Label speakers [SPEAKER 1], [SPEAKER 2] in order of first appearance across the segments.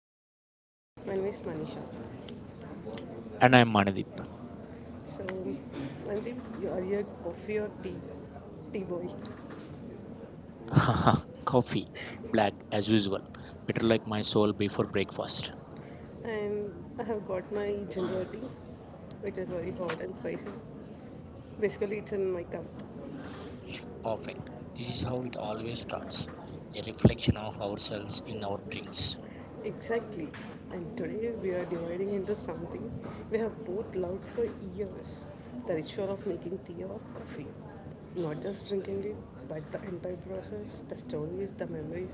[SPEAKER 1] podcast. My name is Manisha.
[SPEAKER 2] And I'm Manadip.
[SPEAKER 1] So, Mandeep, you are your coffee or tea? Tea boy.
[SPEAKER 2] Coffee, black as usual, bitter like my soul before breakfast.
[SPEAKER 1] And I have got my ginger tea, which is very hot and spicy. Basically, it's in my cup.
[SPEAKER 2] Perfect. This is how it always starts, a reflection of ourselves in our drinks.
[SPEAKER 1] Exactly. And today we are dividing into something we have both loved for years the ritual of making tea or coffee. Not just drinking it, but the entire process, the stories, the memories,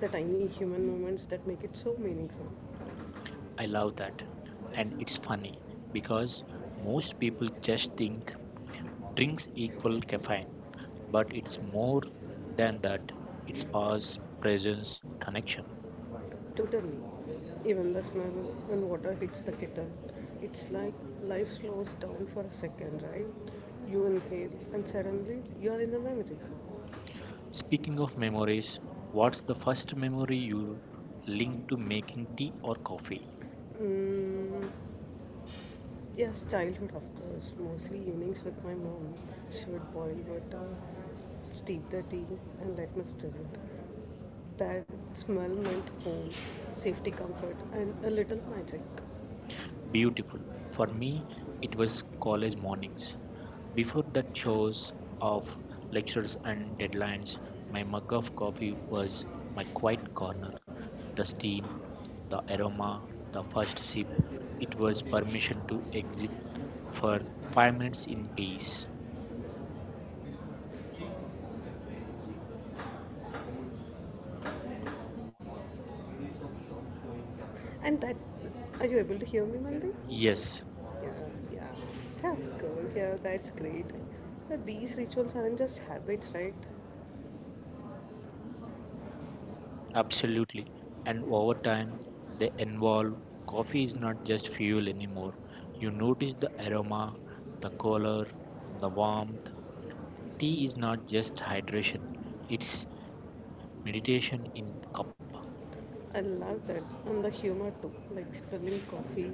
[SPEAKER 1] the tiny human moments that make it so meaningful.
[SPEAKER 2] I love that. And it's funny because most people just think drinks equal caffeine, but it's more than that. It's pause, presence, connection.
[SPEAKER 1] Totally. Even the smell when water hits the kettle. It's like life slows down for a second, right? You inhale and suddenly you are in the memory.
[SPEAKER 2] Speaking of memories, what's the first memory you link to making tea or coffee?
[SPEAKER 1] Mm, Yes, childhood, of course. Mostly evenings with my mom. She would boil water, s- steep the tea, and let me stir it. That smell meant home, safety, comfort, and a little magic.
[SPEAKER 2] Beautiful. For me, it was college mornings. Before the chores of lectures and deadlines, my mug of coffee was my quiet corner. The steam, the aroma, the first sip, it was permission to exit for 5 minutes in peace.
[SPEAKER 1] And that, are you able to hear me, Mandy?
[SPEAKER 2] Yes,
[SPEAKER 1] Yeah, yeah. Yeah, of course. Yeah, that's great. But these rituals aren't just habits, right?
[SPEAKER 2] absolutely. And over time, they involve coffee is not just fuel anymore. You notice the aroma, the color, the warmth. Tea is not just hydration, it's meditation in cup.
[SPEAKER 1] I love that. And the humor too, like spilling coffee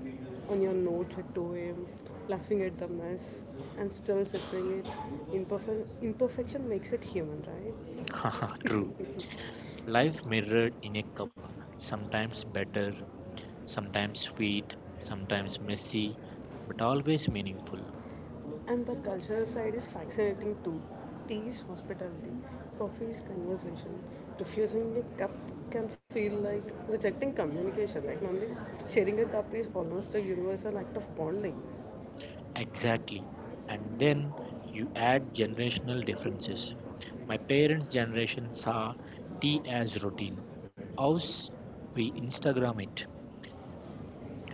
[SPEAKER 1] on your notes at 2 a.m., laughing at the mess, and still sipping it. Imperfection makes it human, right?
[SPEAKER 2] True. Life mirrored in a cup, sometimes better, sometimes sweet, sometimes messy, but always meaningful.
[SPEAKER 1] And the cultural side is fascinating too. Tea is hospitality, coffee is conversation. Refusing a cup can feel like rejecting communication, right, Nandi? Sharing a cup is almost a universal act of bonding.
[SPEAKER 2] Exactly. And then you add generational differences. My parents' generation saw tea as routine. Ours, we Instagram it.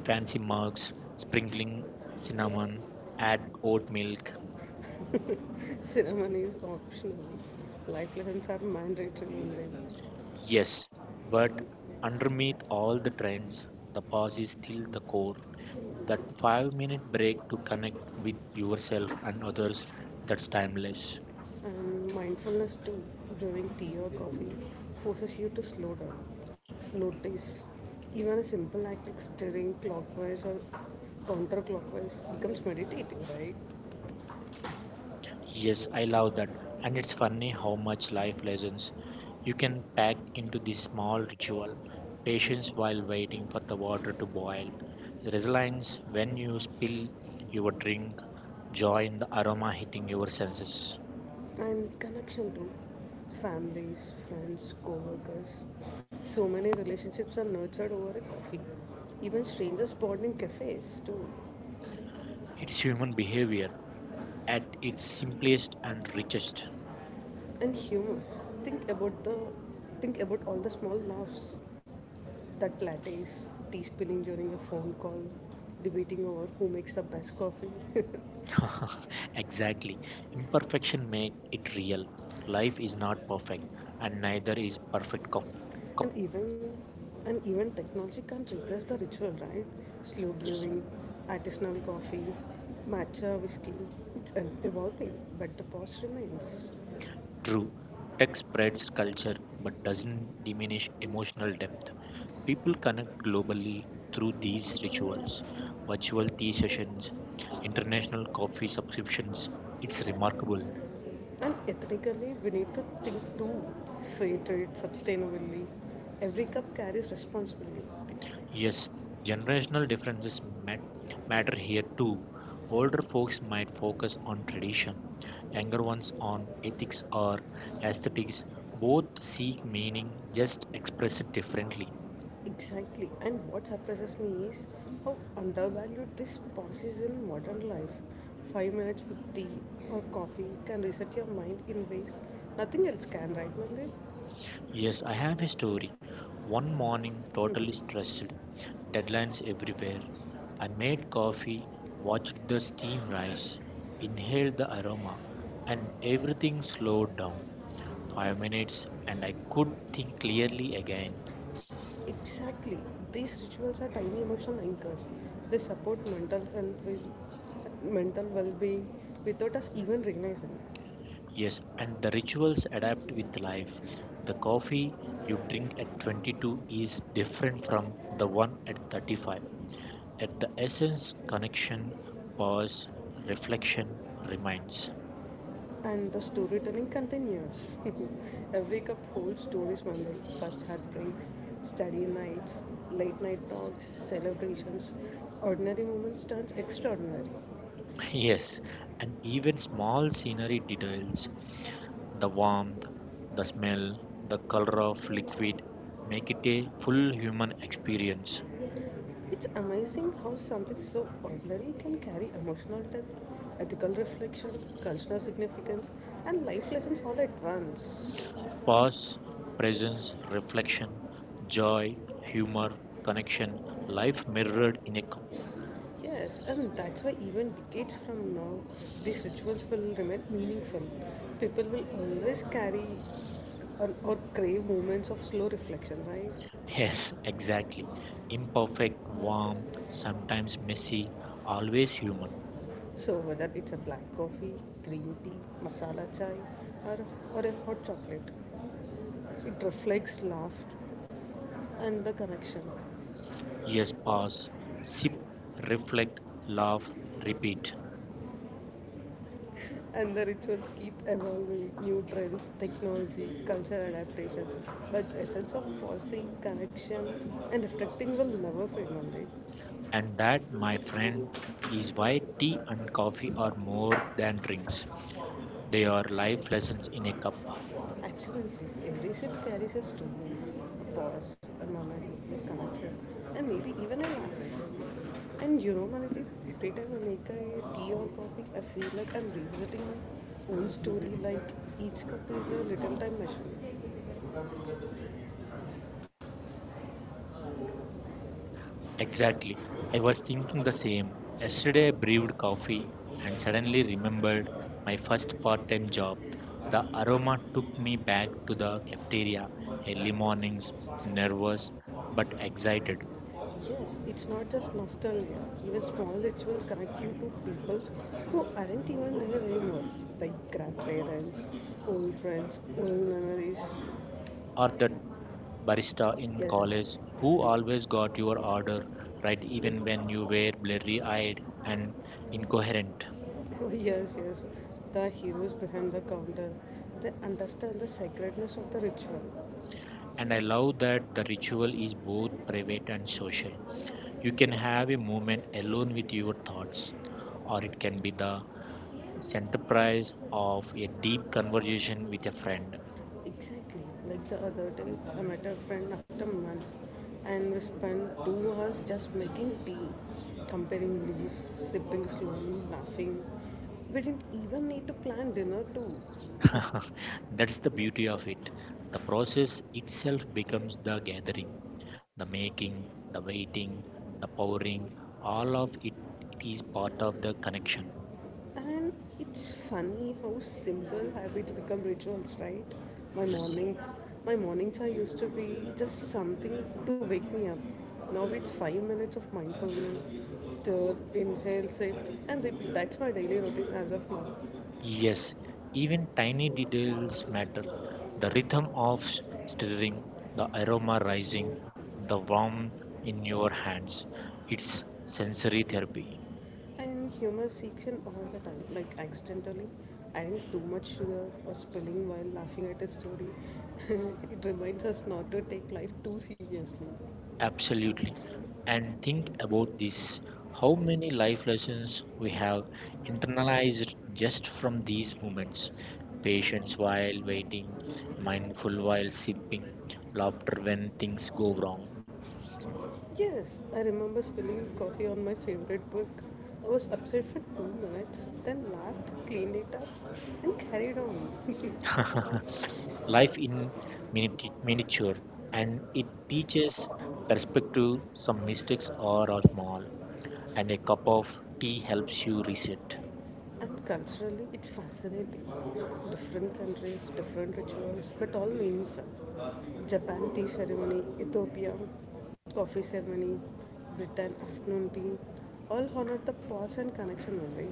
[SPEAKER 2] Fancy mugs, sprinkling cinnamon, add oat milk.
[SPEAKER 1] Cinnamon is optional. Life lessons are mandatory in them.
[SPEAKER 2] Yes, but underneath all the trends, the pause is still the core. That 5 minute break to connect with yourself and others, that's timeless.
[SPEAKER 1] And mindfulness too, during tea or coffee, forces you to slow down, notice. Even a simple act like stirring clockwise or counterclockwise becomes meditating, right?
[SPEAKER 2] Yes, I love that. And it's funny how much life lessons you can pack into this small ritual. Patience while waiting for the water to boil. Resilience when you spill your drink. Joy in the aroma hitting your senses.
[SPEAKER 1] And connection to families, friends, co-workers. So many relationships are nurtured over a coffee. Even strangers bond in cafes too.
[SPEAKER 2] It's human behavior at its simplest and richest.
[SPEAKER 1] And humor. Think about the think about all the small laughs that lattes, tea spilling during a phone call, debating over who makes the best coffee.
[SPEAKER 2] Exactly. Imperfection make it real. Life is not perfect and neither is perfect cup.
[SPEAKER 1] and even and even technology can't replace the ritual, right? Slow
[SPEAKER 2] Yes.
[SPEAKER 1] brewing, artisanal coffee, matcha whiskey. It's evolving, but the past remains.
[SPEAKER 2] True. Tech spreads culture but doesn't diminish emotional depth. People connect globally through these rituals, virtual tea sessions, international coffee subscriptions. It's remarkable.
[SPEAKER 1] And ethically, we need to think too, fair trade sustainably. Every cup carries responsibility.
[SPEAKER 2] Yes, generational differences matter here too. Older folks might focus on tradition, younger ones on ethics or aesthetics. Both seek meaning, just express it differently.
[SPEAKER 1] Exactly. And what surprises me is how undervalued this pause is in modern life. 5 minutes with tea or coffee can reset your mind in ways nothing else can, right, Mandir?
[SPEAKER 2] Yes, I have a story. One morning, totally stressed, deadlines everywhere. I made coffee, watched the steam rise, inhaled the aroma, and everything slowed down. Five minutes, and I could think clearly
[SPEAKER 1] Mhm.
[SPEAKER 2] again.
[SPEAKER 1] Exactly. These rituals are tiny emotional anchors. They support mental well-being, without us even realizing.
[SPEAKER 2] Yes, and the rituals adapt with life. The coffee you drink at 22 is different from the one at 35. At the essence, connection, pause, reflection, reminds.
[SPEAKER 1] And the storytelling continues. Every cup holds stories from the first heartbreaks, study nights, late night talks, celebrations. Ordinary moments turns extraordinary.
[SPEAKER 2] Yes, and even small scenery details, the warmth, the smell, the color of liquid make it a full human experience.
[SPEAKER 1] It's amazing how something so ordinary can carry emotional depth, ethical reflection, cultural significance, and life lessons all at once.
[SPEAKER 2] Pause, presence, reflection, joy, humor, connection, life mirrored in a cup.
[SPEAKER 1] Yes, and that's why even decades from now, these rituals will remain meaningful. People will always carry or crave moments of slow reflection, right?
[SPEAKER 2] Yes, exactly. Imperfect, warm, sometimes messy, always human.
[SPEAKER 1] So whether it's a black coffee, green tea, masala chai, or, or a hot chocolate, it reflects laughter and the connection.
[SPEAKER 2] Yes, pause, sip, reflect, laugh, repeat.
[SPEAKER 1] And the rituals keep evolving, new trends, technology, cultural adaptations. But the essence of pausing, connection, and reflecting will never fade away.
[SPEAKER 2] And that, my friend, is why tea and coffee are more than drinks. They are life lessons in a cup.
[SPEAKER 1] Absolutely. Every sip carries a story, a pause, a moment, a connection, and maybe even an hour. And you know, Manati, every time I make a tea or coffee, I feel like I'm revisiting my own story, like each cup is a little time machine.
[SPEAKER 2] Exactly. I was thinking the same. Yesterday I brewed coffee and suddenly remembered my first part time job. The aroma took me back to the cafeteria,
[SPEAKER 1] But that
[SPEAKER 2] early
[SPEAKER 1] was
[SPEAKER 2] mornings, nervous but excited.
[SPEAKER 1] Yes, it's not just nostalgia. Even small rituals connect you to people who aren't even there anymore, like grandparents, old friends, old memories.
[SPEAKER 2] Or that barista in
[SPEAKER 1] Yes,
[SPEAKER 2] college who always got your order right, even when you were blurry eyed and incoherent.
[SPEAKER 1] oh, yes. The heroes behind the counter, they understand the sacredness of the ritual.
[SPEAKER 2] And I love that the ritual is both private and social. You can have a moment alone with your thoughts, or it can be the centerpiece of a deep conversation with a friend.
[SPEAKER 1] Exactly, like the other day, I met a friend after months and we spent 2 hours just making tea, comparing leaves, sipping slowly, laughing. We didn't even need to plan dinner too.
[SPEAKER 2] That's the beauty of it. The process itself becomes the gathering, the making, the waiting, the pouring, all of it, it is part of the connection.
[SPEAKER 1] And it's funny how simple habits become rituals, right? My
[SPEAKER 2] Yes.
[SPEAKER 1] morning, my morning chai used to be just something to wake me up. Now it's 5 minutes of mindfulness, stir, inhale, sip, and repeat. That's my daily routine as of now.
[SPEAKER 2] Yes, even tiny details matter. The rhythm of stirring, the aroma rising, the warmth in your hands. It's sensory therapy.
[SPEAKER 1] And humor seeks in all the time, like accidentally adding too much sugar or spilling while laughing at a story. It reminds us not to take life too seriously.
[SPEAKER 2] Absolutely. And think about this, how many life lessons we have internalized just from these moments. Patience while waiting, mindful while sipping, laughter when things go wrong.
[SPEAKER 1] Yes, I remember spilling coffee on my favorite book. I was upset for 2 minutes, then laughed, cleaned it up, and carried on.
[SPEAKER 2] Life in miniature, and it teaches perspective. Some mistakes are all small, and a cup of tea helps you reset.
[SPEAKER 1] And culturally, it's fascinating. Different countries, different rituals, but all meaningful. Japan tea ceremony, Ethiopia coffee ceremony, Britain afternoon tea, all honor the pause and connection only.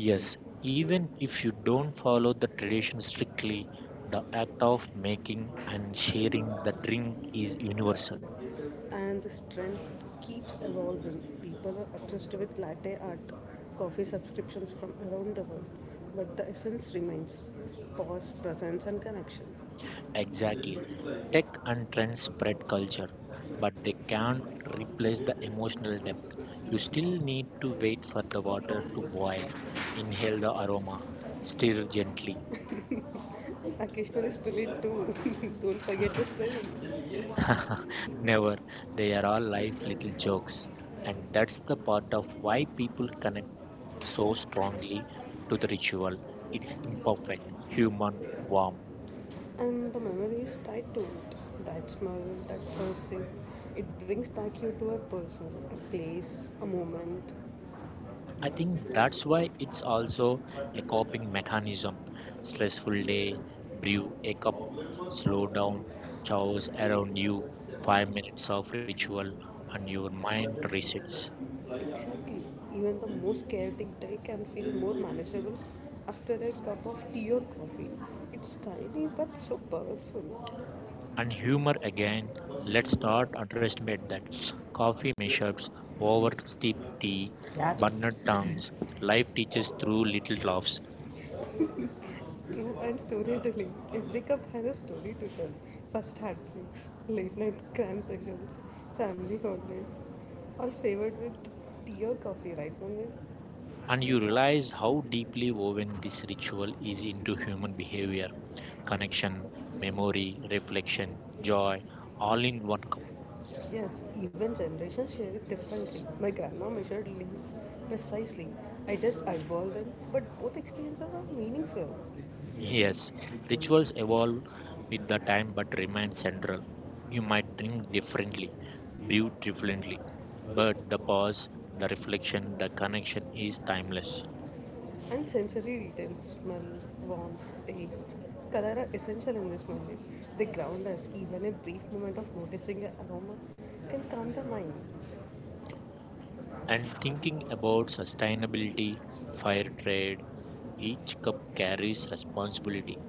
[SPEAKER 2] Yes, even if you don't follow the tradition strictly, the act of making and sharing the drink is universal.
[SPEAKER 1] And this trend keeps evolving. People are obsessed with latte art, coffee subscriptions from around the world, but the essence remains pause, presence, and connection.
[SPEAKER 2] Exactly. Tech and trends spread culture, but they can't replace the emotional depth. You still need to wait for the water to boil, inhale the aroma, stir gently.
[SPEAKER 1] Occasionally, spill it too. Don't forget the spills.
[SPEAKER 2] Never. They are all life little jokes. And that's the part of why people connect so strongly to the ritual. It's imperfect, human, warm.
[SPEAKER 1] And the memory is tied to it. That smell, that first sip, it brings back you to a person, a place, a moment.
[SPEAKER 2] I think that's why it's also a coping mechanism. Stressful day, brew a cup, slow down, chores around you, five minutes of ritual, and your mind resets.
[SPEAKER 1] Exactly. Even the most chaotic day can feel more manageable after a cup of tea or coffee. It's tiny but so powerful.
[SPEAKER 2] And humor again, let's not underestimate that. Coffee mishaps, over steep tea, burned tongues, life teaches through little laughs.
[SPEAKER 1] True and storytelling. Every cup has a story to tell. First heartbreaks, late night cram sessions, family holidays. All favored with tea or coffee, right, Mangal?
[SPEAKER 2] And you realize how deeply woven this ritual is into human behavior, connection, memory, reflection, joy, all in one cup.
[SPEAKER 1] Yes, even generations share it differently. My grandma measured leaves precisely. I just eyeball them, but both experiences are meaningful. Yes,
[SPEAKER 2] Yes, rituals evolve with the time but remain central. You might drink differently, brew differently, but the pause, the reflection, the connection is timeless.
[SPEAKER 1] and sensory details smell, warmth, taste, color are essential in this movie. They ground us, even a brief moment of noticing the aroma can calm the mind.
[SPEAKER 2] And thinking about sustainability, fair trade, each cup carries responsibility.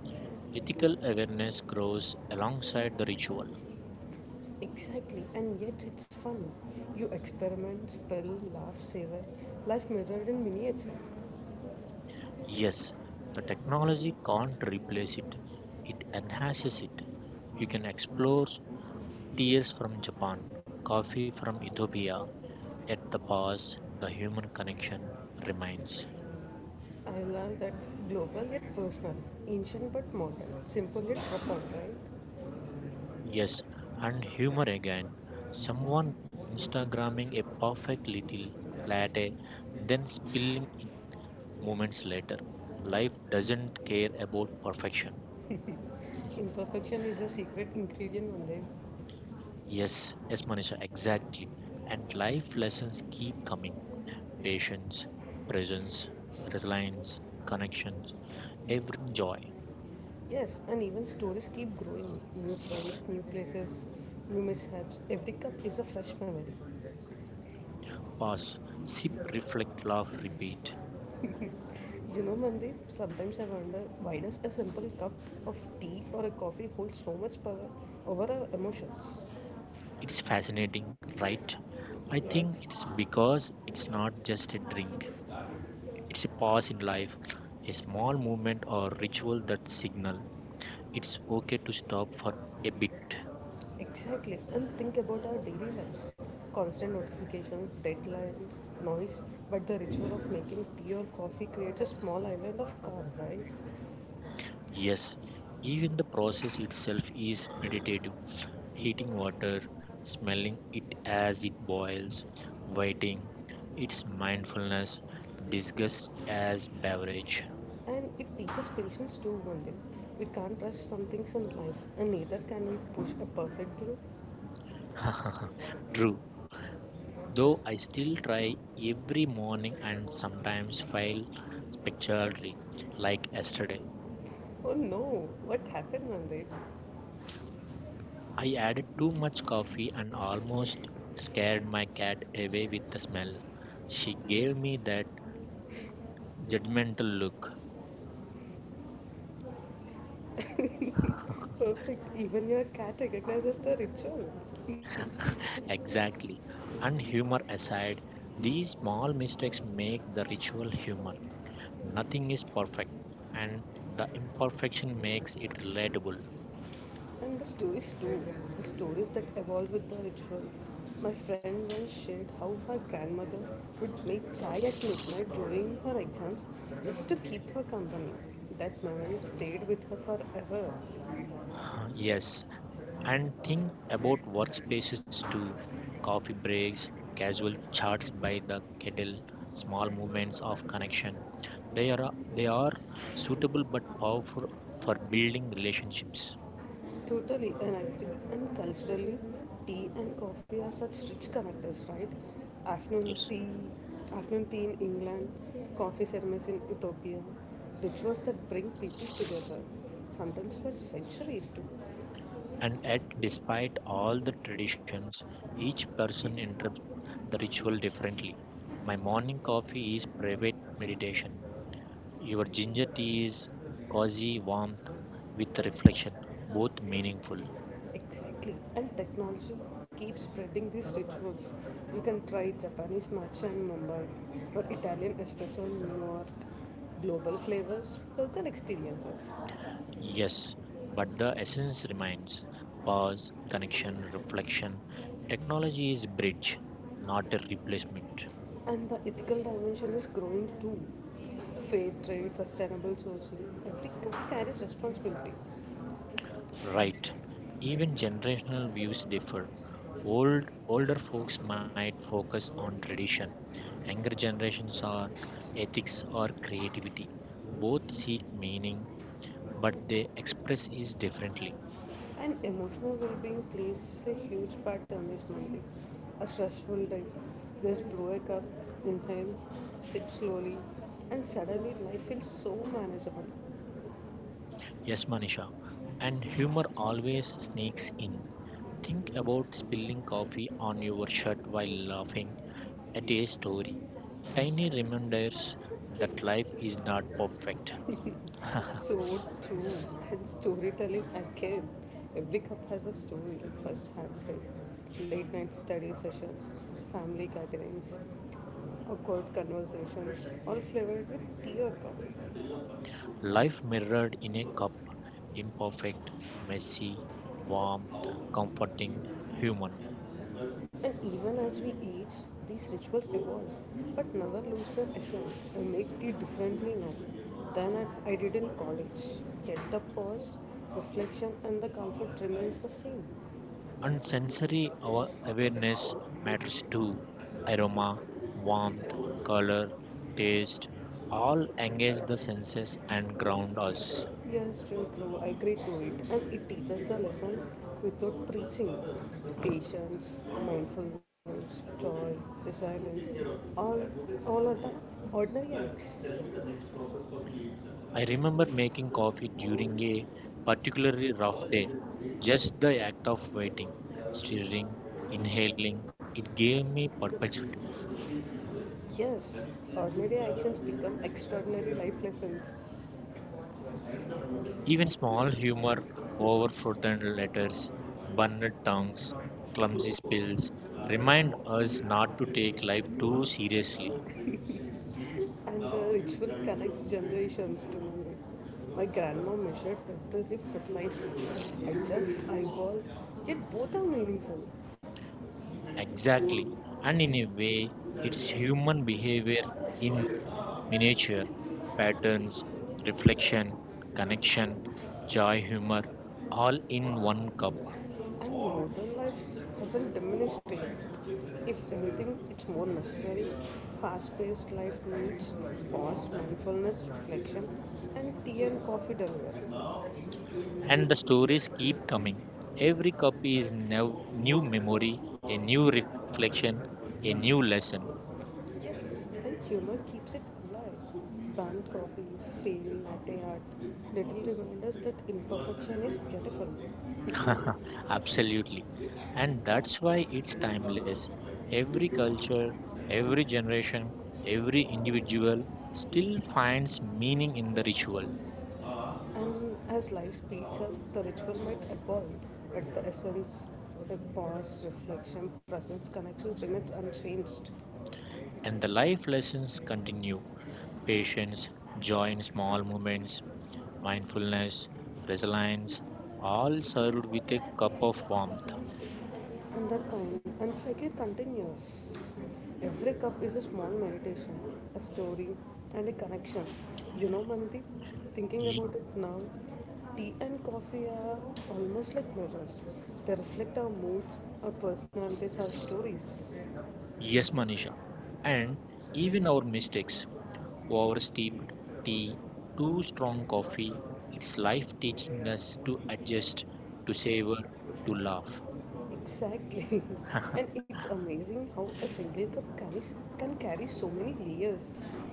[SPEAKER 2] Ethical awareness grows alongside the ritual.
[SPEAKER 1] Exactly, and yet it's fun. You experiment, spell, laugh, savor, life mirrored in miniature.
[SPEAKER 2] Yes, the technology can't replace it, it enhances it. You can explore tears from Japan, coffee from Ethiopia. At the past, the human connection remains.
[SPEAKER 1] I love that global yet personal, ancient but modern, simple yet profound, right?
[SPEAKER 2] Yes, and humor again. Someone Instagramming a perfect little latte, then spilling it moments later. Life doesn't care about perfection.
[SPEAKER 1] Imperfection is a secret ingredient, Mandev.
[SPEAKER 2] Yes, yes, Manisha, exactly. And life lessons keep coming, patience, presence, resilience, connections, every joy.
[SPEAKER 1] Yes, and even stories keep growing. New friends, new places, new mishaps. Every cup is a fresh memory.
[SPEAKER 2] Pause, sip, reflect, laugh, repeat.
[SPEAKER 1] You know, Mandeep, sometimes I wonder why does a simple cup of tea or a coffee hold so much power over our emotions?
[SPEAKER 2] It's fascinating, right? I
[SPEAKER 1] Yes.
[SPEAKER 2] think it's because it's not just a drink, it's a pause in life, a small movement or ritual that signal it's okay to stop for a bit.
[SPEAKER 1] Exactly, and think about our daily lives constant notifications, deadlines, noise, but the ritual of making tea or coffee creates a small island of calm, right?
[SPEAKER 2] Yes, even the process itself is meditative. Heating water, smelling it as it boils, waiting, it's mindfulness, disgust as beverage.
[SPEAKER 1] And it teaches patience too one day we can't rush some things in life and neither can we push a perfect brew.
[SPEAKER 2] True, though I still try every morning and sometimes fail spectacularly, like yesterday.
[SPEAKER 1] Oh no, what happened one day?
[SPEAKER 2] I added too much coffee and almost scared my cat away with the smell. She gave me that judgmental look.
[SPEAKER 1] Perfect, even your cat recognizes the ritual.
[SPEAKER 2] Exactly. And humor aside, these small mistakes make the ritual human. Nothing is perfect, and the imperfection makes it relatable.
[SPEAKER 1] And the stories too the stories that evolve with the ritual, my friend once shared how her grandmother would make chai at midnight during her exams just to keep her company. That memory stayed with her forever.
[SPEAKER 2] Yes, and think about workspaces too, coffee breaks, casual chats by the kettle, small moments of connection. They are, they are suitable but powerful for building relationships.
[SPEAKER 1] Totally, and I agree. And culturally, tea and coffee are such rich connectors, right? Afternoon
[SPEAKER 2] Yes.
[SPEAKER 1] tea, afternoon tea in England, coffee ceremonies in Ethiopia, rituals that bring people together, sometimes for centuries too.
[SPEAKER 2] And yet, despite all the traditions, each person interprets the ritual differently. My morning coffee is private meditation. Your ginger tea is cozy warmth with reflection, both meaningful.
[SPEAKER 1] Exactly, and technology keeps spreading these rituals. You can try Japanese matcha in Mumbai or Italian espresso in New York. Global flavors, local experiences.
[SPEAKER 2] Yes, but the essence remains pause, connection, reflection. Technology is bridge, not a replacement.
[SPEAKER 1] And the ethical dimension is growing too. Fair trade, sustainable sourcing, every company carries responsibility.
[SPEAKER 2] Right. Even generational views differ. Older folks might focus on tradition. Younger generations on ethics or creativity. Both seek meaning, but they express it differently.
[SPEAKER 1] And emotional well being plays a huge part in this Monday. A stressful day, just blow a cup, inhale, sip slowly, and suddenly life feels so manageable.
[SPEAKER 2] Yes, Manisha. And humor always sneaks in. Think about spilling coffee on your shirt while laughing at a story. Tiny reminders that life is not perfect.
[SPEAKER 1] So true. And storytelling again. Every cup has a story. First heartbreaks, late night study sessions, family gatherings, awkward conversations, all flavored with tea or coffee.
[SPEAKER 2] Life mirrored in a cup, imperfect, messy, warm, comforting, human.
[SPEAKER 1] And even as we age, these rituals evolve, but never lose their essence. I make tea differently now than I did in college. Yet the pause, reflection, and the comfort remains the same.
[SPEAKER 2] And sensory our awareness matters too. Aroma, warmth, color, taste all engage the senses and ground us.
[SPEAKER 1] Yes, true, true. I agree to it. And it teaches the lessons without preaching. Patience, mindfulness, joy, resilience, all, all are the ordinary acts.
[SPEAKER 2] I remember making coffee during a particularly rough day. Just the act of waiting, stirring, inhaling, it gave me perspective.
[SPEAKER 1] Yes, ordinary actions become extraordinary life lessons.
[SPEAKER 2] Even small humor over fraudulent letters, burned tongues, clumsy spills remind us not to take life too seriously.
[SPEAKER 1] And the ritual connects generations to memory. My grandma measured every leaf precisely, I just eyeball, yet both are meaningful.
[SPEAKER 2] Exactly. And in a way, it's human behavior in miniature patterns, reflection, connection, joy, humor, all in one cup.
[SPEAKER 1] And modern life hasn't diminished it. If anything, it's more necessary. Fast paced life needs pause, mindfulness, reflection, and tea and coffee delivery.
[SPEAKER 2] And the stories keep coming. Every cup is new memory, a new reflection, a new lesson.
[SPEAKER 1] Yes, and humor keeps it alive. Banned coffee, failed latte art, little reminders that imperfection is beautiful.
[SPEAKER 2] Absolutely. And that's why it's timeless. Every culture, every generation, every individual still finds meaning in the ritual.
[SPEAKER 1] And as life speeds up, the ritual might evolve, but the essence, the pause, reflection, presence, connections remains unchanged.
[SPEAKER 2] And the life lessons continue, patience, joy in small moments, mindfulness, resilience, all served with a cup of warmth.
[SPEAKER 1] And the cycle continues. Every cup is a small meditation, a story, and a connection. You know, Mandeep, thinking
[SPEAKER 2] Y-
[SPEAKER 1] about it now, tea and coffee are almost like mirrors. They reflect our moods, our personalities, our stories.
[SPEAKER 2] yes, Manisha. And even our mistakes. Oversteeped tea, too strong coffee, it's life teaching us to adjust, to savor, to laugh.
[SPEAKER 1] Exactly. And it's amazing how a single cup can carry so many layers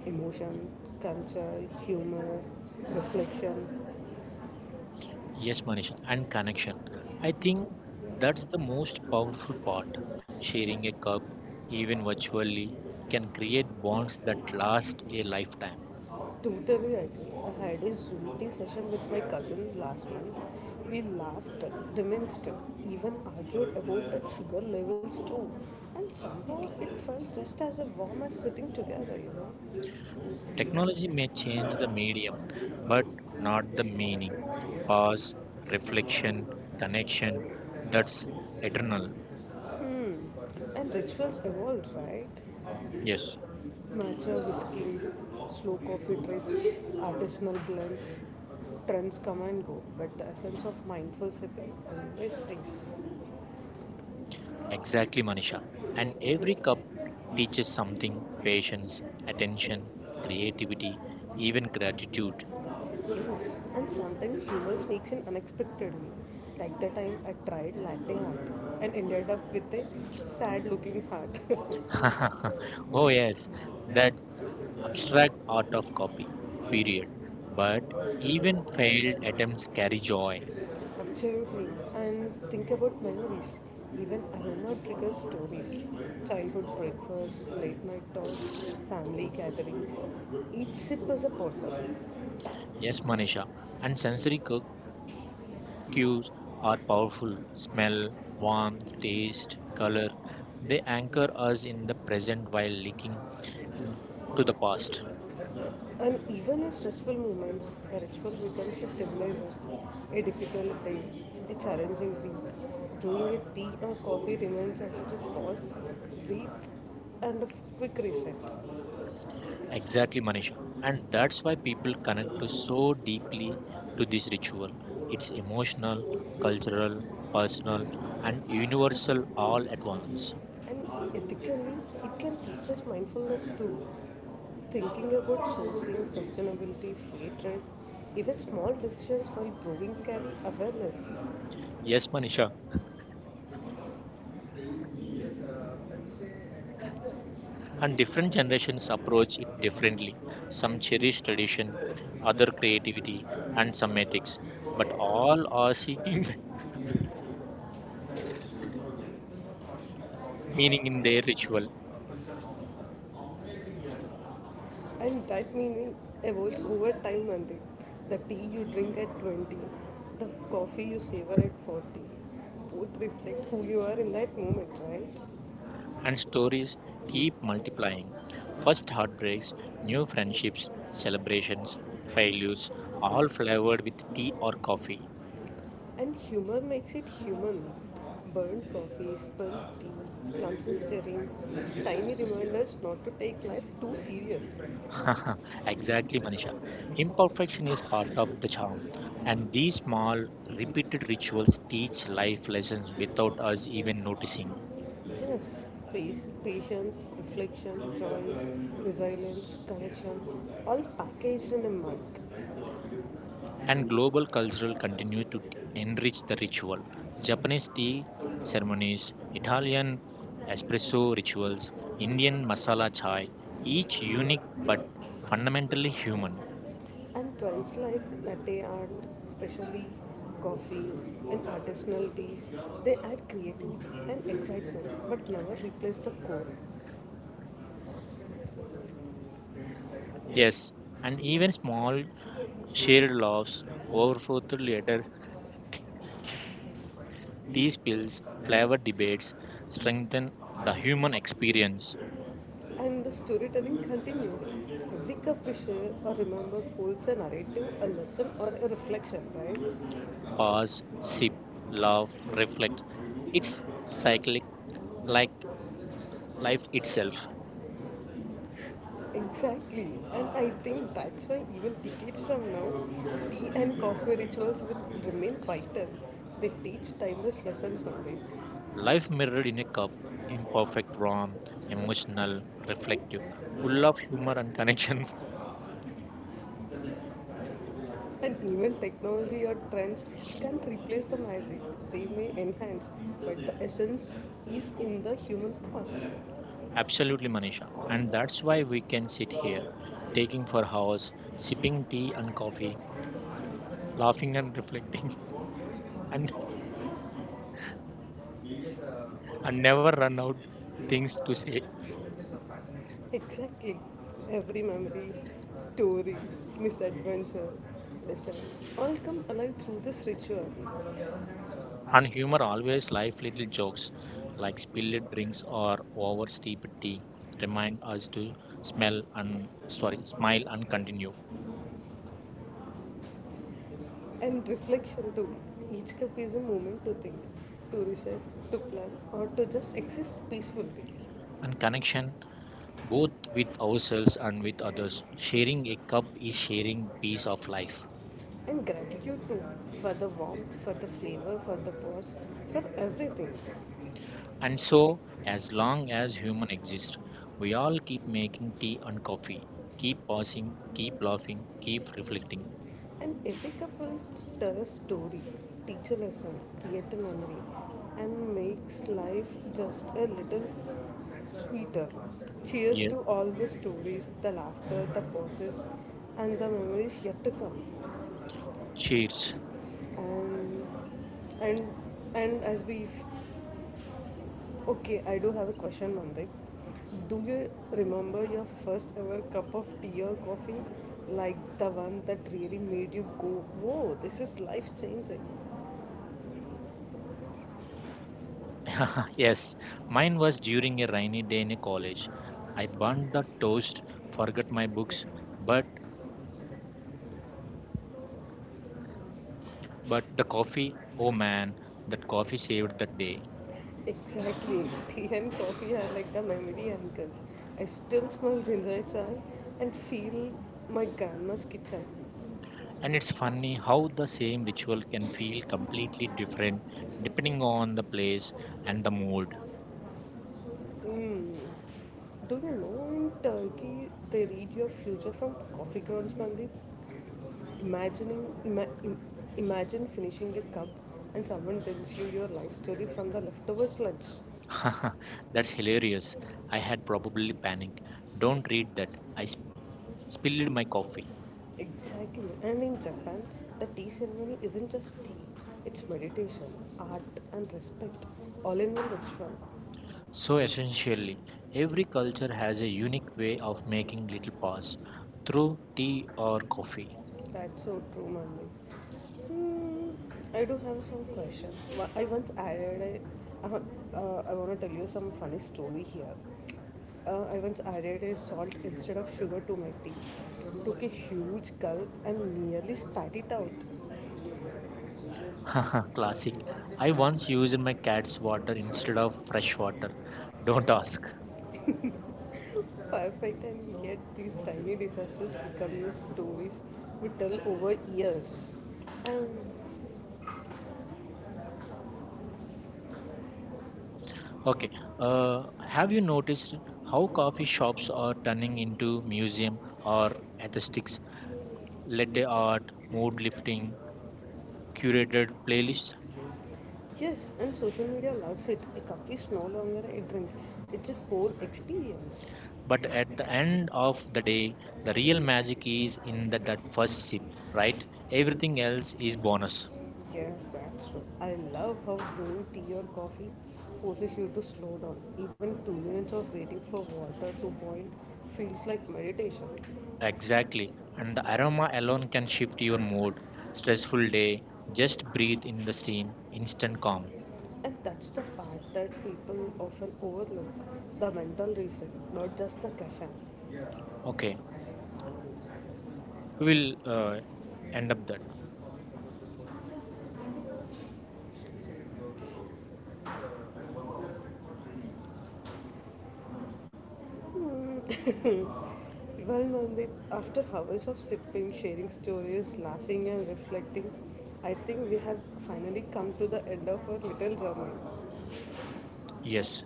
[SPEAKER 1] emotion, culture, humor, reflection.
[SPEAKER 2] Yes, Manisha, and connection. I think that's the most powerful part. Sharing a cup, even virtually, can create bonds that last a lifetime.
[SPEAKER 1] Totally agree. I had a Zoom tea session with my cousin last month. We laughed, reminisced, even argued about the sugar levels too. And somehow it felt just as a warm as sitting together, you know.
[SPEAKER 2] Technology may change the medium, but not the meaning. Pause, reflection, connection, that's eternal.
[SPEAKER 1] Hmm. And rituals evolved, right?
[SPEAKER 2] Yes.
[SPEAKER 1] Matcha whiskey, slow coffee trips, artisanal blends. Trends come and go, but the essence of mindful sipping always stays.
[SPEAKER 2] Exactly, Manisha. And every cup teaches something, patience, attention, creativity, even gratitude.
[SPEAKER 1] Yes, and sometimes humor sneaks in unexpectedly. Like the time I tried latte art and ended up with a sad looking heart.
[SPEAKER 2] Oh, yes, that abstract art of copy, period. But even failed attempts carry joy.
[SPEAKER 1] Absolutely. And think about memories. Even aroma triggers stories. Childhood breakfast, late night talks, family gatherings. Each sip is a portal.
[SPEAKER 2] Yes, Manisha. And sensory cues are powerful, smell, warmth, taste, color. They anchor us in the present while leaking into the past.
[SPEAKER 1] And even in stressful moments, the ritual becomes a stabilizer. A difficult day, a challenging week. Doing a tea or coffee reminds us to pause, breathe, and a quick reset.
[SPEAKER 2] Exactly, Manisha. And that's why people connect to so deeply to this ritual. It's emotional, cultural, personal, and universal all at once.
[SPEAKER 1] And ethically, it can teach us mindfulness too. Thinking about sourcing, sustainability, fair trade, even small decisions while brewing carry awareness.
[SPEAKER 2] Yes, Manisha. And different generations approach it differently. Some cherish tradition, other creativity, and some ethics. But all are seeking meaning in their ritual.
[SPEAKER 1] And that meaning evolves over time, Nandit. The tea you drink at 20, the coffee you savor at 40, both reflect who you are in that moment, right?
[SPEAKER 2] And stories keep multiplying. First heartbreaks, new friendships, celebrations, failures, all flavored with tea or coffee.
[SPEAKER 1] And humor makes it human. Burnt coffee, spilled tea, clumps in stirring, tiny reminders not to take life too serious.
[SPEAKER 2] Exactly, Manisha. Imperfection is part of the charm, and these small, repeated rituals teach life lessons without us even noticing.
[SPEAKER 1] Just pace, patience, reflection, joy, resilience, connection, all packaged in a mug.
[SPEAKER 2] And global cultural continue to enrich the ritual. Japanese tea ceremonies, Italian espresso rituals, Indian masala chai, each unique but fundamentally human.
[SPEAKER 1] And trends like latte art, specially coffee and artisanal teas, they add creativity and excitement but never replace the core.
[SPEAKER 2] Yes, and even small shared laughs, overflow to later tea spills, flavor debates strengthen the human experience.
[SPEAKER 1] And the storytelling continues. Every capricious or remember holds a narrative, a lesson, or a reflection, right?
[SPEAKER 2] Pause, sip, laugh, reflect. It's cyclic like life itself.
[SPEAKER 1] Exactly. And I think that's why even decades from now, tea and coffee rituals will remain vital. They teach timeless lessons from them.
[SPEAKER 2] Life mirrored in a cup, imperfect, raw, emotional, reflective, full of humor and connection.
[SPEAKER 1] And even technology or trends can't replace the magic. They may enhance, but the essence is in the human pause.
[SPEAKER 2] Absolutely, Manisha. And that's why we can sit here, taking for hours, sipping tea and coffee, laughing and reflecting, and, and never run out things to say.
[SPEAKER 1] Exactly. Every memory, story, misadventure, lessons all come alive through this ritual.
[SPEAKER 2] And humor always life little jokes, like spilled drinks or over steeped tea, remind us to smell and sorry, smile and continue.
[SPEAKER 1] And reflection too. Each cup is a moment to think, to reset, to plan, or to just exist peacefully.
[SPEAKER 2] And connection both with ourselves and with others. Sharing a cup is sharing piece of life.
[SPEAKER 1] And gratitude too, for the warmth, for the flavor, for the pause, for everything.
[SPEAKER 2] And so, as long as human exists, we all keep making tea and coffee, keep pausing, keep laughing, keep reflecting.
[SPEAKER 1] And every couple tells story, teach a lesson, create a memory, and makes life just a little sweeter. Cheers
[SPEAKER 2] Yeah.
[SPEAKER 1] to all the stories, the laughter, the pauses, and the memories yet to come.
[SPEAKER 2] Cheers.
[SPEAKER 1] And and and as we Okay, I do have a question, Mandip. Do you remember your first ever cup of tea or coffee? Like the one that really made you go, whoa, this is life changing.
[SPEAKER 2] Ah,
[SPEAKER 1] Yes,
[SPEAKER 2] yes,
[SPEAKER 1] my
[SPEAKER 2] mine
[SPEAKER 1] was
[SPEAKER 2] was during a
[SPEAKER 1] beautiful.
[SPEAKER 2] rainy day in a college. I burned the toast, forgot my books, but but the coffee, oh man, that coffee saved the day.
[SPEAKER 1] Exactly. Tea and coffee are like the memory anchors. I still smell ginger chai and feel my grandma's kitchen.
[SPEAKER 2] And it's funny how the same ritual can feel completely different depending on the place and the mood.
[SPEAKER 1] Mm. Do you know in Turkey they read your future from coffee grounds, Mandip? Imagining, ima- im- imagine finishing your cup and someone tells you your life story from the leftover sludge.
[SPEAKER 2] That's hilarious. I had probably panicked. Don't read that. I spilled my coffee.
[SPEAKER 1] Exactly. And in Japan, the tea ceremony isn't just tea, it's meditation, art, and respect, all in one ritual
[SPEAKER 2] So
[SPEAKER 1] so as to share
[SPEAKER 2] essentially,
[SPEAKER 1] their
[SPEAKER 2] every
[SPEAKER 1] difference
[SPEAKER 2] culture
[SPEAKER 1] as a
[SPEAKER 2] has a unique
[SPEAKER 1] unique
[SPEAKER 2] way
[SPEAKER 1] way
[SPEAKER 2] of
[SPEAKER 1] of life
[SPEAKER 2] making
[SPEAKER 1] and
[SPEAKER 2] little pause
[SPEAKER 1] knowledge through
[SPEAKER 2] through tea
[SPEAKER 1] the
[SPEAKER 2] or coffee.
[SPEAKER 1] world of life. That's so true, Manvi. Hmm, I do have some question. I once added a, I want to tell you some funny story here. I once added a salt instead of sugar to my tea. Took a huge gulp and nearly spat it out.
[SPEAKER 2] Classic. I once used my cat's water instead of fresh water. Don't ask.
[SPEAKER 1] Perfect, and yet these tiny disasters become the stories we tell over years. And
[SPEAKER 2] Okay. Have you noticed how coffee shops are turning into museum or aesthetics, latte art, mood lifting, curated playlists?
[SPEAKER 1] yes, and social media loves it. A cup is no longer a drink, it's a whole experience.
[SPEAKER 2] But at the end of the day, the real magic is in that first sip, right? Everything else is bonus.
[SPEAKER 1] Yes, that's true. I love how brewing tea or coffee forces you to slow down. Even 2 minutes of waiting for water to boil feels like meditation.
[SPEAKER 2] Exactly. And the aroma alone can shift your mood. Stressful day, just breathe in the steam, instant calm.
[SPEAKER 1] And that's the part that people often overlook, the mental reason, not just the caffeine.
[SPEAKER 2] Okay. We will end up that.
[SPEAKER 1] Hmm. well, Mandeep, after hours of sipping, sharing stories, laughing, and reflecting, I think we have finally come to the end of our little journey.
[SPEAKER 2] Yes.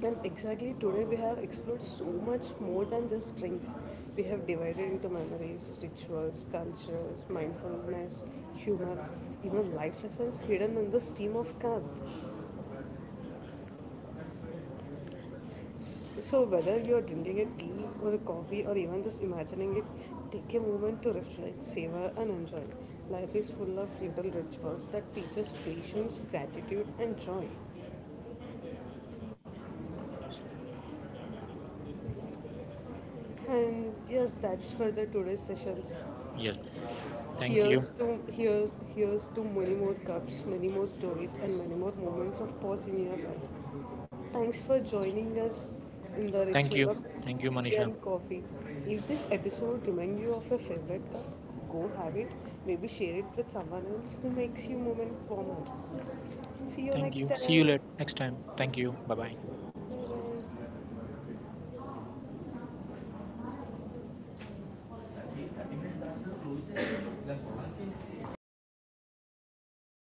[SPEAKER 1] And exactly today we have explored so much more than just drinks. We have divided into memories, rituals, cultures, mindfulness, humor, even life lessons hidden in the steam of cup. So whether you are drinking a tea or a coffee or even just imagining it, take a moment to reflect, savor and enjoy. Life is full of little rituals that teach us patience, gratitude and joy. And yes, that's for the today's sessions.
[SPEAKER 2] Yes. Thank you.
[SPEAKER 1] Here's to many more cups, many more stories, and many more moments of pause in your life. Thanks for joining us in the
[SPEAKER 2] Thank
[SPEAKER 1] ritual
[SPEAKER 2] you.
[SPEAKER 1] of
[SPEAKER 2] Thank you,
[SPEAKER 1] tea
[SPEAKER 2] Manisha.
[SPEAKER 1] and coffee. If this episode reminds you of your favorite cup, go have it. Maybe share it with someone else who makes you moment warmer. See you
[SPEAKER 2] Thank
[SPEAKER 1] next
[SPEAKER 2] you. See you
[SPEAKER 1] time.
[SPEAKER 2] later next time. Thank you. Bye bye.
[SPEAKER 1] Bye.